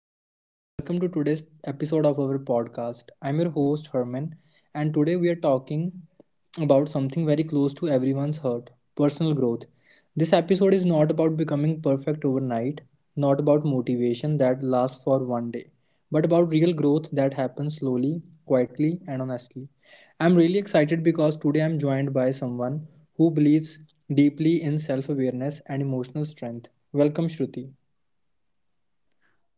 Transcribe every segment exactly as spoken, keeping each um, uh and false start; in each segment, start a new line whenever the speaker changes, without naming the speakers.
everyone, and welcome to today's episode of our podcast. I'm your host, Herman, and today we are talking about something very close to everyone's heart personal growth. This episode is not about becoming perfect overnight, not about motivation that lasts for one day, but about real growth that happens slowly, quietly, and honestly. I'm really excited because today I'm joined by someone who believes deeply in self awareness and emotional strength. Welcome, Shruti.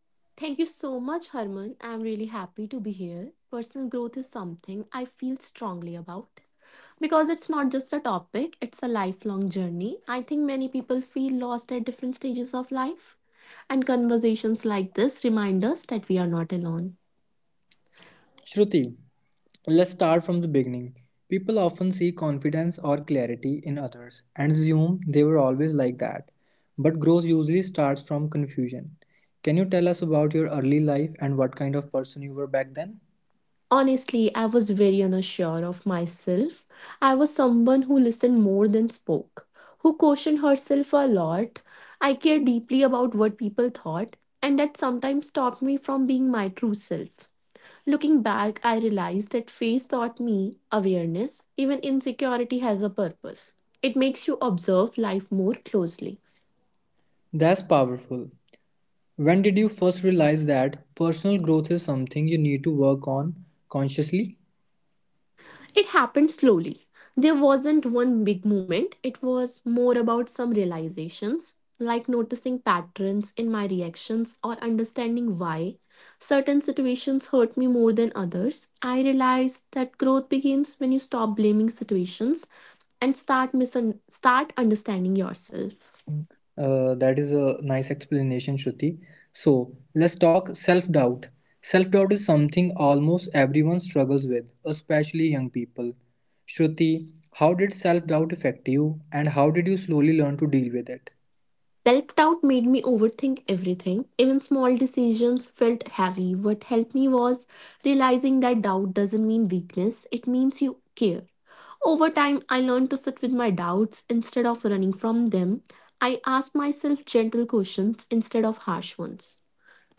Thank you so much, Harman. I'm really happy to be here. Personal growth is something I feel strongly about because it's not just a topic, it's a lifelong journey. I think many people feel lost at different stages of life, and conversations like this remind us that we are not alone.
Shruti, let's start from the beginning. People often see confidence or clarity in others and assume they were always like that. But growth usually starts from confusion. Can you tell us about your early life and what kind of person you were back then?
Honestly, I was very unsure of myself. I was someone who listened more than spoke, who cautioned herself a lot. I cared deeply about what people thought, and that sometimes stopped me from being my true self. Looking back, I realized that phase taught me awareness, even insecurity has a purpose. It makes you observe life more closely.
That's powerful. When did you first realize that personal growth is something you need to work on consciously?
It happened slowly. There wasn't one big moment, it was more about some realizations, like noticing patterns in my reactions or understanding why certain situations hurt me more than others. I realized that growth begins when you stop blaming situations and start misun- start understanding yourself.
Uh, that is a nice explanation, Shruti. So let's talk self doubt. Self doubt is something almost everyone struggles with, especially young people. Shruti, how did self doubt affect you and how did you slowly learn to deal with it?
Self doubt made me overthink everything. Even small decisions felt heavy. What helped me was realizing that doubt doesn't mean weakness, it means you care. Over time, I learned to sit with my doubts instead of running from them. I asked myself gentle questions instead of harsh ones.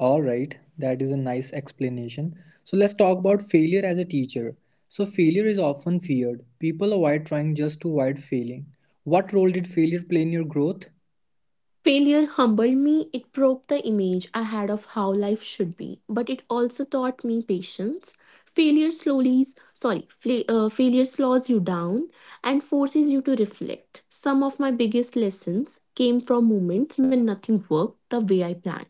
Alright, that is a nice explanation. So let's talk about failure as a teacher. So, failure is often feared. People avoid trying just to avoid failing. What role did failure play in your growth?
Failure humbled me, it broke the image I had of how life should be, but it also taught me patience. Failure slowly, sorry, fla- uh, Failure slows you down and forces you to reflect. Some of my biggest lessons came from moments when nothing worked the way I planned.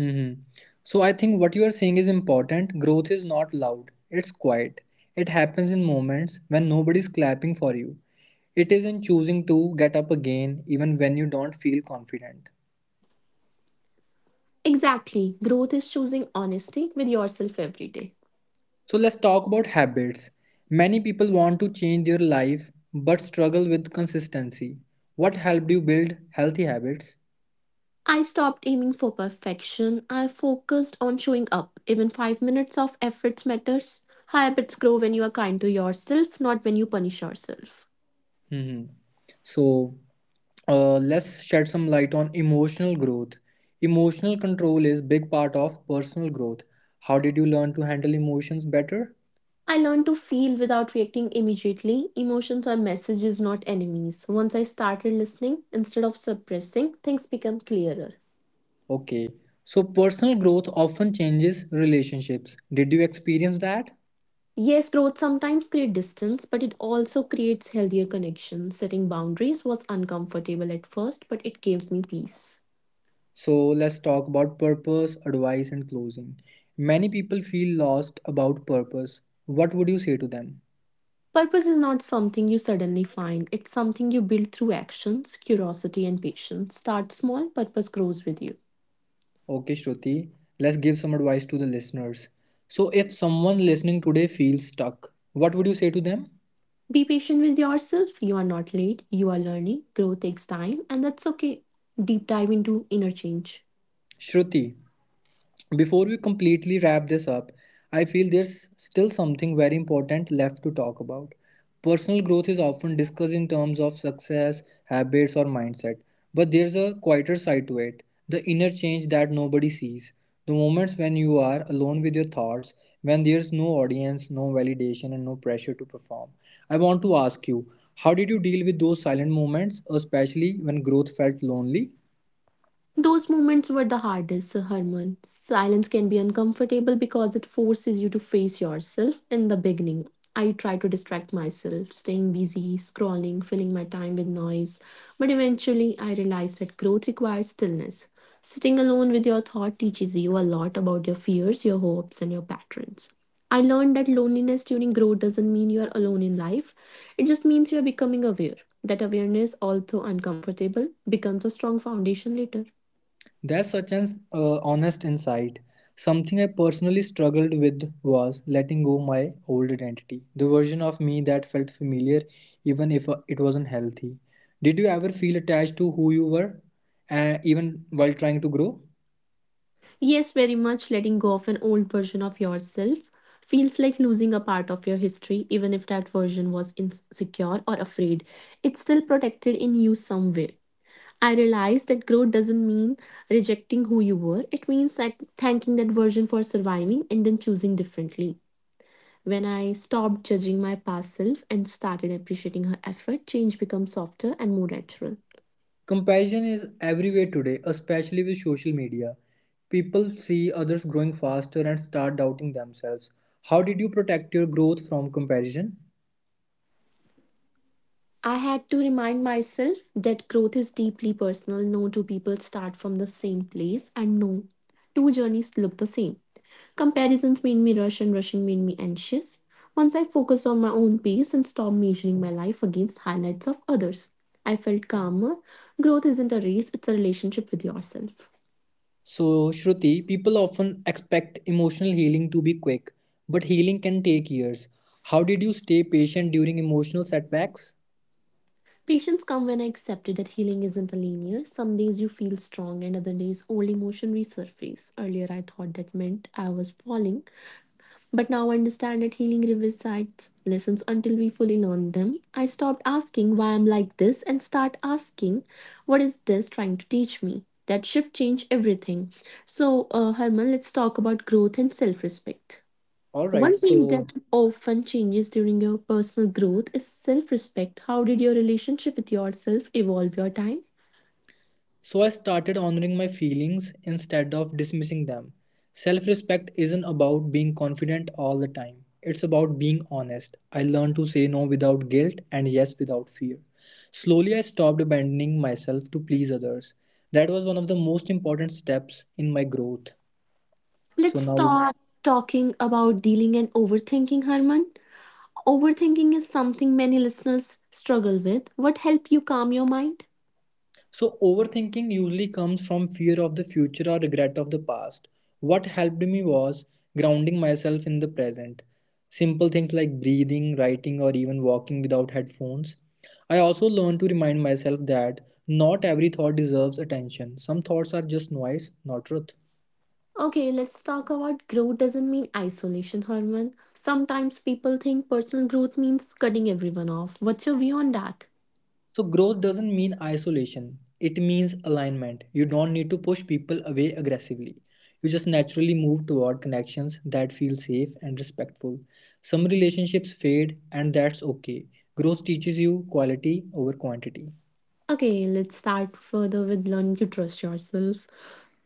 Mm-hmm. So I think what you are saying is important. Growth is not loud, it's quiet. It happens in moments when nobody's clapping for you. It is in choosing to get up again even when you don't feel confident.
Exactly, growth is choosing honesty with yourself every day.
So let's talk about habits. Many people want to change their life but struggle with consistency. What helped you build healthy habits?
I stopped aiming for perfection. I focused on showing up. Even five minutes of efforts matters. Habits grow when you are kind to yourself, not when you punish yourself.
Mm-hmm. So uh, let's shed some light on emotional growth, emotional control is big part of personal growth. How did you learn to handle emotions better?
I learned to feel without reacting immediately. Emotions are messages, not enemies. Once I started listening instead of suppressing, things become clearer.
Okay, so personal growth often changes relationships, did you experience that?
Yes, growth sometimes creates distance, but it also creates healthier connections. Setting boundaries was uncomfortable at first, but it gave me peace.
So let's talk about purpose advice and closing. Many people feel lost about purpose, what would you say to them?
Purpose is not something you suddenly find, it's something you build through actions, curiosity, and patience. Start small, purpose grows with you.
Okay, Shruti, let's give some advice to the listeners. So if someone listening today feels stuck, what would you say to them?
Be patient with yourself. You are not late, you are learning. Growth takes time, and that's okay. Deep dive into inner change.
Shruti, before we completely wrap this up, I feel there's still something very important left to talk about. Personal growth is often discussed in terms of success, habits, or mindset, but there's a quieter side to it, the inner change that nobody sees. The moments when you are alone with your thoughts, when there's no audience, no validation, and no pressure to perform. I want to ask you, how did you deal with those silent moments, especially when growth felt lonely?
Those moments were the hardest, Sir Herman. Silence can be uncomfortable because it forces you to face yourself. In the beginning, I tried to distract myself, staying busy, scrolling, filling my time with noise. But eventually, I realized that growth requires stillness. Sitting alone with your thought teaches you a lot about your fears, your hopes, and your patterns. I learned that loneliness during growth doesn't mean you are alone in life, it just means you are becoming aware. That awareness, although uncomfortable, becomes a strong foundation later.
That's such an uh, honest insight. Something I personally struggled with was letting go my old identity, the version of me that felt familiar even if uh, it wasn't healthy. Did you ever feel attached to who you were, uh, even while trying to grow?
Yes, very much letting go of an old version of yourself feels like losing a part of your history, even if that version was insecure or afraid. It's still protected in you somewhere. I realized that growth doesn't mean rejecting who you were, it means that thanking that version for surviving and then choosing differently. When I stopped judging my past self and started appreciating her effort, change becomes softer and more natural.
Comparison is everywhere today, especially with social media. People see others growing faster and start doubting themselves. How did you protect your growth from comparison?
I had to remind myself that growth is deeply personal. No two people start from the same place, and no two journeys look the same. Comparisons made me rush, and rushing made me anxious. Once I focused on my own pace and stopped measuring my life against highlights of others, I felt calmer. Growth isn't a race, it's a relationship with yourself.
So, Shruti, people often expect emotional healing to be quick, but healing can take years. How did you stay patient during emotional setbacks?
Patience come when I accepted that healing isn't a linear. Some days you feel strong and other days old emotion resurface. Earlier I thought that meant I was falling, but now I understand that healing revisites lessons until we fully learn them. I stopped asking why I'm like this and start asking what is this trying to teach me? That shift changed everything. So, uh, Herman, let's talk about growth and self respect.
All right,
One thing
so
that often changes during your personal growth is self respect. How did your relationship with yourself evolve your time?
so I started honoring my feelings instead of dismissing them. Self-respect isn't about being confident all the time. It's about being honest. I learned to say no without guilt and yes without fear. Slowly I stopped abandoning myself to please others. That was one of the most important steps in my growth. So
Let's
now,
start talking about dealing and overthinking, Herman. Overthinking is something many listeners struggle with. What help you calm your mind?
so, overthinking usually comes from fear of the future or regret of the past. What helped me was grounding myself in the present. Simple things like breathing, writing, or even walking without headphones. I also learned to remind myself that not every thought deserves attention. Some thoughts are just noise, not truth.
Okay, let's talk about growth doesn't mean isolation, Herman. Sometimes people think personal growth means cutting everyone off. What's your view on that?
So, growth doesn't mean isolation, it means alignment. You don't need to push people away aggressively. You just naturally move toward connections that feel safe and respectful. Some relationships fade, and that's okay. Growth teaches you quality over quantity.
Okay, let's start further with learning to trust yourself.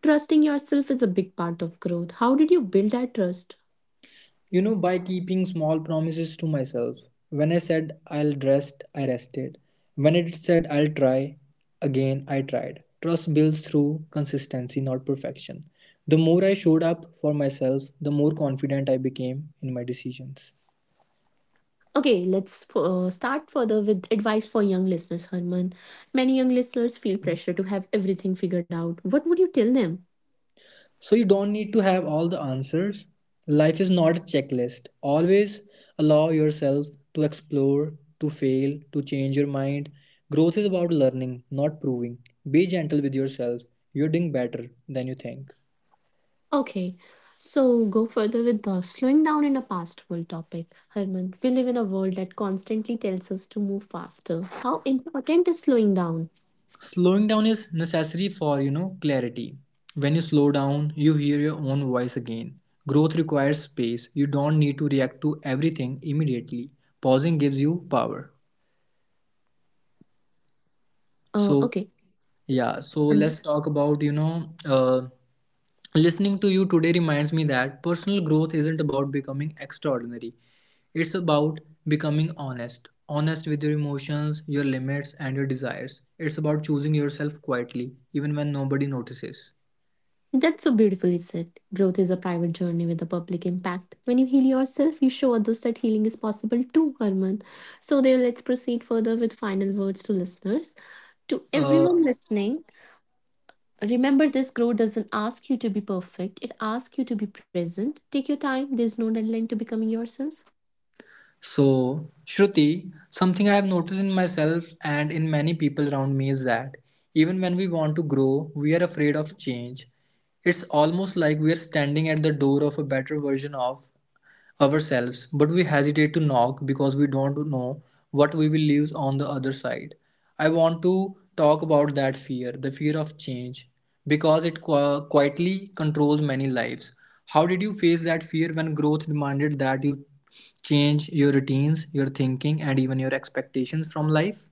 Trusting yourself is a big part of growth. How did you build that trust?
You know, by keeping small promises to myself. When I said I'll rest, I rested. When it said I'll try, again I tried. Trust builds through consistency, not perfection. The more I showed up for myself, the more confident I became in my decisions.
Okay, let's uh, start further with advice for young listeners, Herman. Many young listeners feel pressure to have everything figured out. What would you tell them?
So you don't need to have all the answers. Life is not a checklist. Always allow yourself to explore, to fail, to change your mind. Growth is about learning, not proving. Be gentle with yourself. You're doing better than you think.
Okay, so go further with the slowing down in a fast world topic. Herman, we live in a world that constantly tells us to move faster. How important is slowing down?
Slowing down is necessary for, you know, clarity. When you slow down, you hear your own voice again. Growth requires space. You don't need to react to everything immediately. Pausing gives you power.
Uh,
So,
okay,
Yeah, so
Arne,
let's talk about, you know, uh, listening to you today reminds me that personal growth isn't about becoming extraordinary. It's about becoming honest, honest with your emotions, your limits, and your desires. It's about choosing yourself quietly, even when nobody notices.
that's so beautifully said. Growth is a private journey with a public impact. When you heal yourself, you show others that healing is possible too, Herman. So, there, let's proceed further with final words to listeners. To
Uh,
everyone listening, remember, this growth doesn't ask you to be perfect, it asks you to be present. Take your time, there's no deadline to becoming yourself.
So, Shruti, something I have noticed in myself and in many people around me is that even when we want to grow, we are afraid of change. It's almost like we are standing at the door of a better version of ourselves, but we hesitate to knock because we don't know what we will lose on the other side. I want to talk about that fear, the fear of change, because it qui- quietly controls many lives. How did you face that fear when growth demanded that you change your routines, your thinking, and even your expectations from life?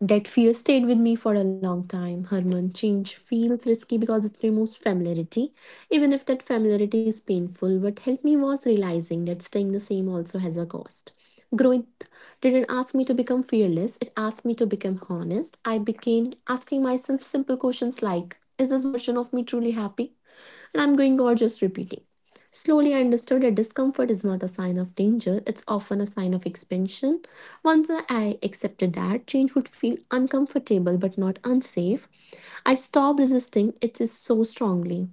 That fear stayed with me for a long time. Herman, change feels risky because it removes familiarity. Even if that familiarity is painful, what helped me was realizing that staying the same also has a cost. Growth didn't ask me to become fearless, it asked me to become honest. I began asking myself simple questions like, is this version of me truly happy? And I'm going over just repeating. Slowly, I understood that discomfort is not a sign of danger, it's often a sign of expansion. Once I accepted that, change would feel uncomfortable but not unsafe. I stopped resisting it is so strongly.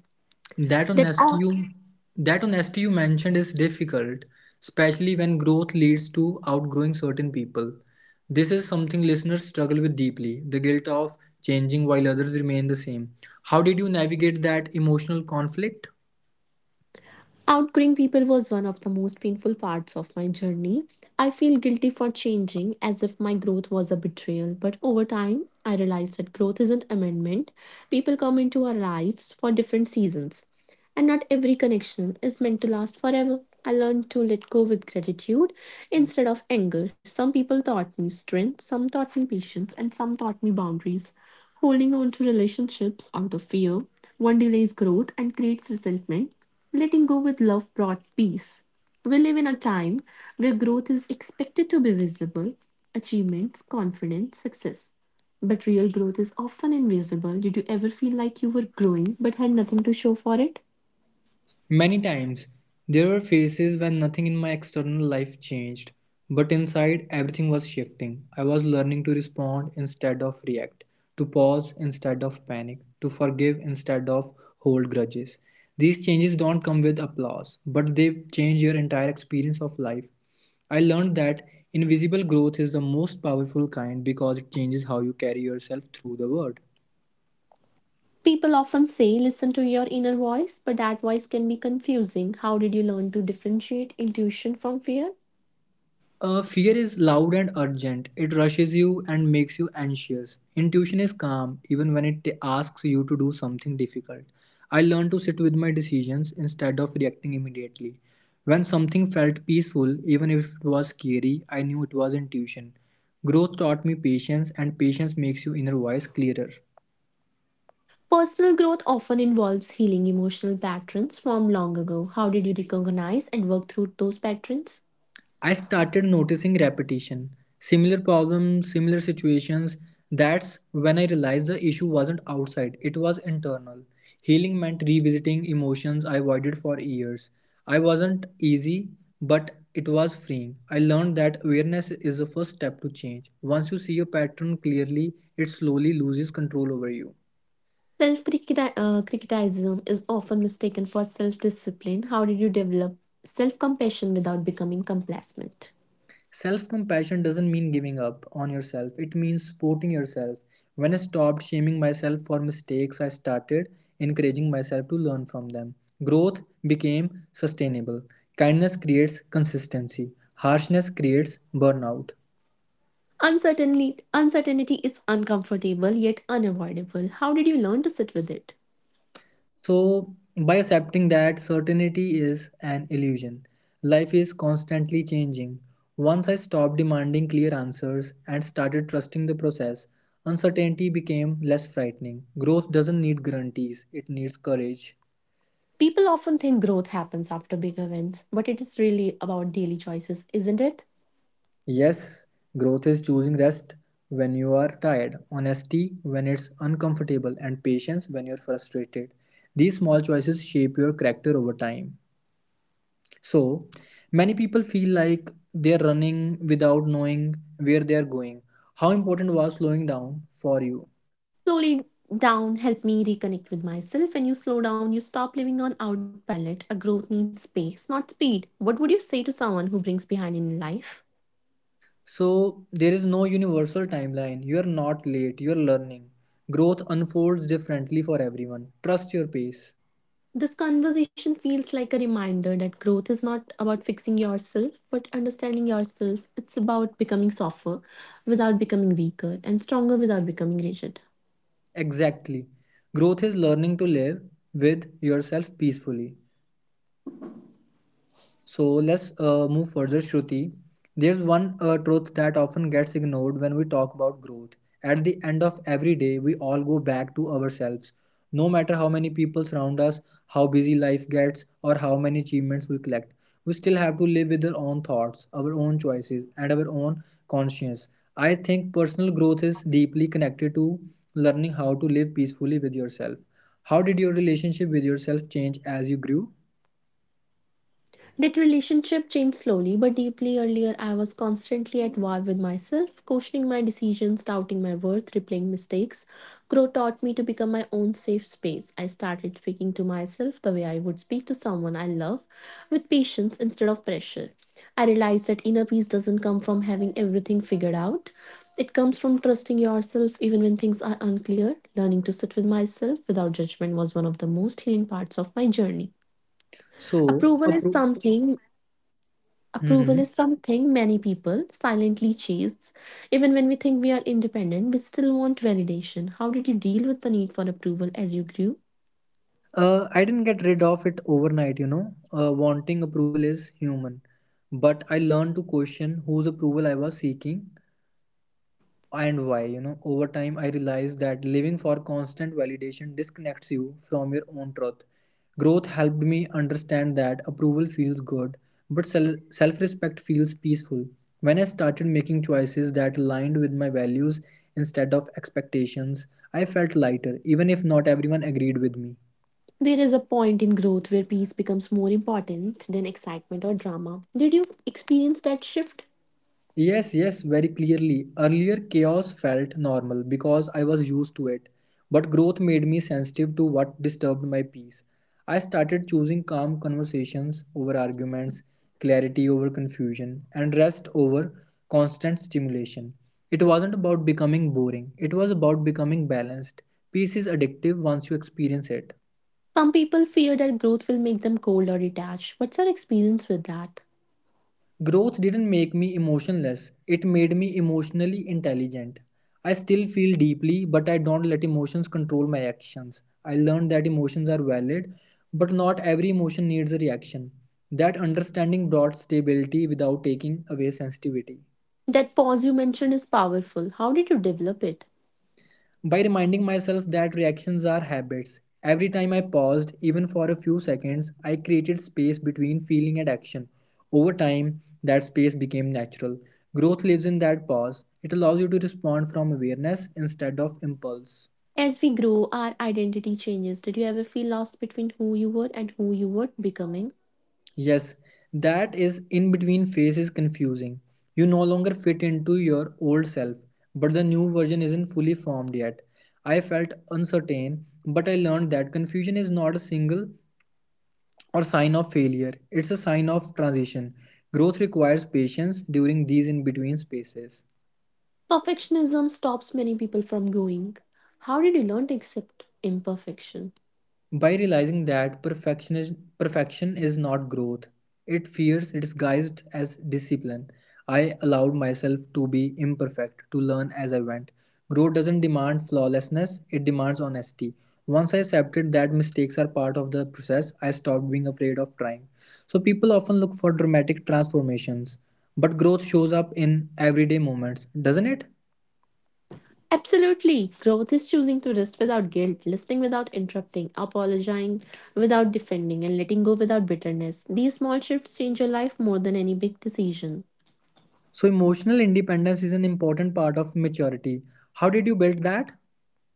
That
That
honesty
out-
you that honesty you mentioned is difficult, especially when growth leads to outgrowing certain people. This is something listeners struggle with deeply, the guilt of changing while others remain the same. How did you navigate that emotional conflict?
Outgrowing people was one of the most painful parts of my journey. I feel guilty for changing as if my growth was a betrayal, but over time, I realized that growth isn't amendment. People come into our lives for different seasons. And not every connection is meant to last forever. I learned to let go with gratitude instead of anger. Some people taught me strength, some taught me patience, and some taught me boundaries. Holding on to relationships out of fear, one delays growth and creates resentment. Letting go with love brought peace. We live in a time where growth is expected to be visible, achievements, confidence, success. But real growth is often invisible. Did you ever feel like you were growing but had nothing to show for it?
Many times, there were phases when nothing in my external life changed, but inside everything was shifting. I was learning to respond instead of react, to pause instead of panic, to forgive instead of hold grudges. These changes don't come with applause, but they change your entire experience of life. I learned that invisible growth is the most powerful kind because it changes how you carry yourself through the world.
People often say, listen to your inner voice, but that voice can be confusing. How did you learn to differentiate intuition from fear?
Uh, fear is loud and urgent. It rushes you and makes you anxious. Intuition is calm even when it asks you to do something difficult. I learned to sit with my decisions instead of reacting immediately. When something felt peaceful, even if it was scary, I knew it was intuition. Growth taught me patience, and patience makes your inner voice clearer.
Personal growth often involves healing emotional patterns from long ago. How did you recognize and work through those patterns?
I started noticing repetition, similar problems, similar situations. That's when I realized the issue wasn't outside, it was internal. Healing meant revisiting emotions I avoided for years. I wasn't easy, but it was freeing. I learned that awareness is the first step to change. Once you see a pattern clearly, it slowly loses control over you.
Self criticism is often mistaken for self discipline. How did you develop self compassion without becoming complacent?
Self compassion doesn't mean giving up on yourself, it means supporting yourself. When I stopped shaming myself for mistakes, I started encouraging myself to learn from them. Growth became sustainable. Kindness creates consistency, harshness creates burnout.
Uncertainty, uncertainty is uncomfortable yet unavoidable. How did you learn to sit with it?
So, by accepting that certainty is an illusion, life is constantly changing. Once I stopped demanding clear answers and started trusting the process, uncertainty became less frightening. Growth doesn't need guarantees, it needs courage.
People often think growth happens after big events, but it is really about daily choices, isn't it?
Yes, growth is choosing rest when you are tired, honesty when it's uncomfortable, and patience when you're frustrated. These small choices shape your character over time. So, many people feel like they're running without knowing where they are going. How important was slowing down for you?
Slowly down help me reconnect with myself. When you slow down, you stop living on autopilot. A growth needs space, not speed. What would you say to someone who brings behind in life?
So, there is no universal timeline. You are not late, you are learning. Growth unfolds differently for everyone. Trust your pace.
This conversation feels like a reminder that growth is not about fixing yourself, but understanding yourself. It's about becoming softer without becoming weaker and stronger without becoming rigid.
Exactly. Growth is learning to live with yourself peacefully. So let's uh, move further, Shruti. There's one uh, truth that often gets ignored when we talk about growth. At the end of every day, we all go back to ourselves. No matter how many people surround us, how busy life gets, or how many achievements we collect, we still have to live with our own thoughts, our own choices, and our own conscience. I think personal growth is deeply connected to learning how to live peacefully with yourself. How did your relationship with yourself change as you grew?
That relationship changed slowly but deeply. Earlier, I was constantly at war with myself, questioning my decisions, doubting my worth, replaying mistakes. Growth taught me to become my own safe space. I started speaking to myself the way I would speak to someone I love, with patience instead of pressure. I realized that inner peace doesn't come from having everything figured out. It comes from trusting yourself even when things are unclear. Learning to sit with myself without judgment was one of the most healing parts of my journey.
So,
Approval is
appro-
something Approval is
Mhm.
something many people silently chase. Even when we think we are independent, we still want validation. How did you deal with the need for approval as you grew?
Uh, I didn't get rid of it overnight, you know. Uh, wanting approval is human. But I learned to question whose approval I was seeking and why, you know. Over time, I realized that living for constant validation disconnects you from your own truth. Growth helped me understand that approval feels good, but self respect feels peaceful. When I started making choices that aligned with my values instead of expectations, I felt lighter, even if not everyone agreed with me.
There is a point in growth where peace becomes more important than excitement or drama. Did you experience that shift?
Yes, yes, very clearly. Earlier, chaos felt normal because I was used to it. But growth made me sensitive to what disturbed my peace. I started choosing calm conversations over arguments, clarity over confusion, and rest over constant stimulation. It wasn't about becoming boring, it was about becoming balanced. Peace is addictive once you experience it.
Some people fear that growth will make them cold or detached. What's your experience with that?
Growth didn't make me emotionless, it made me emotionally intelligent. I still feel deeply, but I don't let emotions control my actions. I learned that emotions are valid, but not every emotion needs a reaction. That understanding brought stability without taking away sensitivity.
That pause you mentioned is powerful. How did you develop it?
By reminding myself that reactions are habits, every time I paused, even for a few seconds, I created space between feeling and action. Over time, that space became natural. Growth lives in that pause. It allows you to respond from awareness instead of impulse.
As we grow, our identity changes. Did you ever feel lost between who you were and who you were becoming?
Yes, that is in between phase is confusing. You no longer fit into your old self, but the new version isn't fully formed yet. I felt uncertain, but I learned that confusion is not a single or sign of failure. It's a sign of transition. Growth requires patience during these in between spaces.
Perfectionism stops many people from going. How did you learn to accept imperfection?
By realizing that perfectionism perfection is not growth, it fears disguised as discipline. I allowed myself to be imperfect, to learn as I went. Growth doesn't demand flawlessness, it demands honesty. Once I accepted that mistakes are part of the process, I stopped being afraid of trying. So people often look for dramatic transformations, but growth shows up in everyday moments, doesn't it?
Absolutely. Growth is choosing to rest without guilt, listening without interrupting, apologizing without defending, and letting go without bitterness. These small shifts change your life more than any big decision.
So emotional independence is an important part of maturity. How did you build that?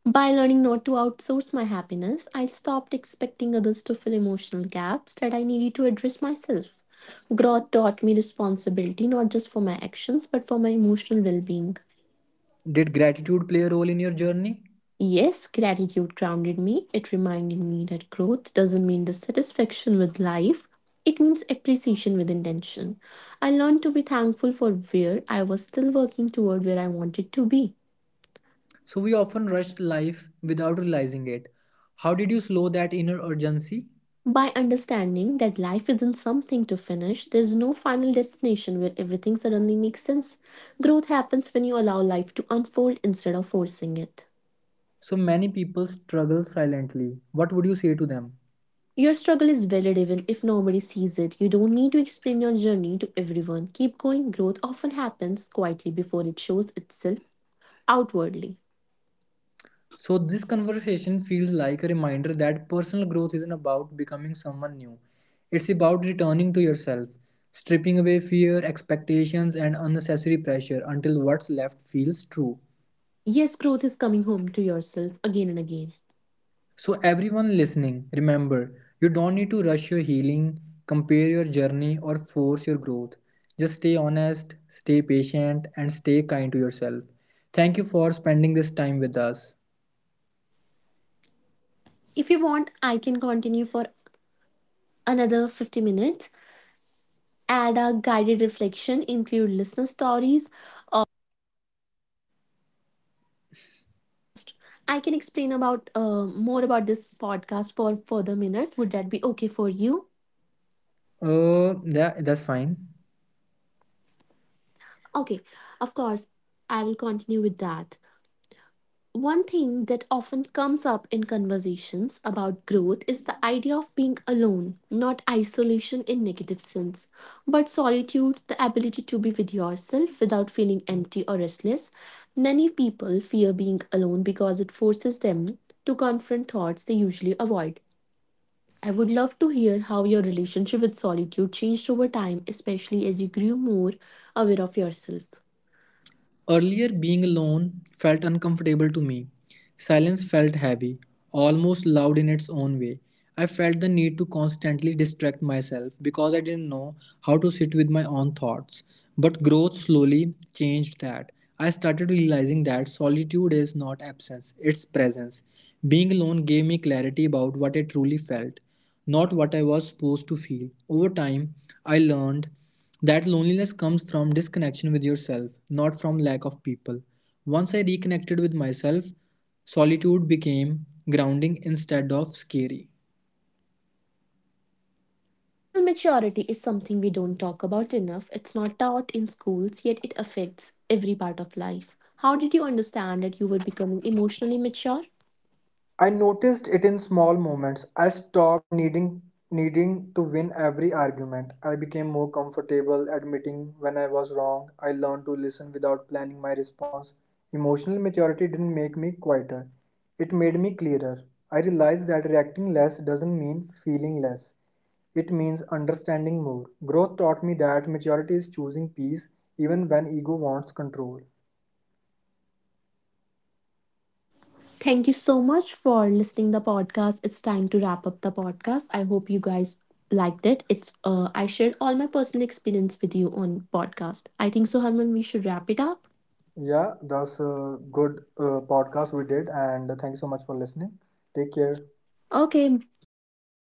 By learning not to outsource my happiness, I stopped expecting others to fill emotional gaps that I needed to address myself. Growth taught me responsibility not just for my actions but for my emotional well being.
Did gratitude play a role in your journey?
Yes, gratitude grounded me. It reminded me that growth doesn't mean dissatisfaction with life, it means appreciation with intention. I learned to be thankful for where I was still working toward where I wanted to be.
So we often rush life without realizing it. How did you slow that inner urgency?
By understanding that life isn't something to finish, there's no final destination where everything suddenly makes sense. Growth happens when you allow life to unfold instead of forcing it.
So many people struggle silently. What would you say to them?
Your struggle is valid even if nobody sees it. You don't need to explain your journey to everyone. Keep going. Growth often happens quietly before it shows itself outwardly.
So this conversation feels like a reminder that personal growth isn't about becoming someone new. It's about returning to yourself, stripping away fear, expectations and unnecessary pressure until what's left feels true.
Yes, growth is coming home to yourself again and again.
So, everyone listening, remember, you don't need to rush your healing, compare your journey, or force your growth. Just stay honest, stay patient, and stay kind to yourself. Thank you for spending this time with us.
If you want, I can continue for another fifty minutes. Add a guided reflection, include listener stories, podcast. I can explain about uh, more about this podcast for further minutes. Would that be okay for you?
Uh, yeah, that's fine.
Okay, of course. I will continue with that. One thing that often comes up in conversations about growth is the idea of being alone, not isolation in negative sense, but solitude, the ability to be with yourself without feeling empty or restless. Many people fear being alone because it forces them to confront thoughts they usually avoid. I would love to hear how your relationship with solitude changed over time, especially as you grew more aware of yourself.
Earlier, being alone felt uncomfortable to me. Silence felt heavy, almost loud in its own way. I felt the need to constantly distract myself because I didn't know how to sit with my own thoughts. But growth slowly changed that. I started realizing that solitude is not absence, it's presence. Being alone gave me clarity about what I truly felt, not what I was supposed to feel. Over time, I learned that loneliness comes from disconnection with yourself, not from lack of people. Once I reconnected with myself, solitude became grounding instead of scary.
Emotional maturity is something we don't talk about enough. It's not taught in schools, yet it affects every part of life. How did you understand that you were becoming emotionally mature?
I noticed it in small moments. I stopped needing needing to win every argument. I became more comfortable admitting when I was wrong. I learned to listen without planning my response. Emotional maturity didn't make me quieter. It made me clearer. I realized that reacting less doesn't mean feeling less. It means understanding more. Growth taught me that maturity is choosing peace even when ego wants control.
Thank you so much for listening the podcast. It's time to wrap up the podcast. I hope you guys liked it. It's uh, I shared all my personal experience with you on podcast. I think so, Harman. We should wrap it up.
Yeah, that's a good uh, podcast we did, and thank you so much for listening. Take
Yes.
care.
Okay. Thank you.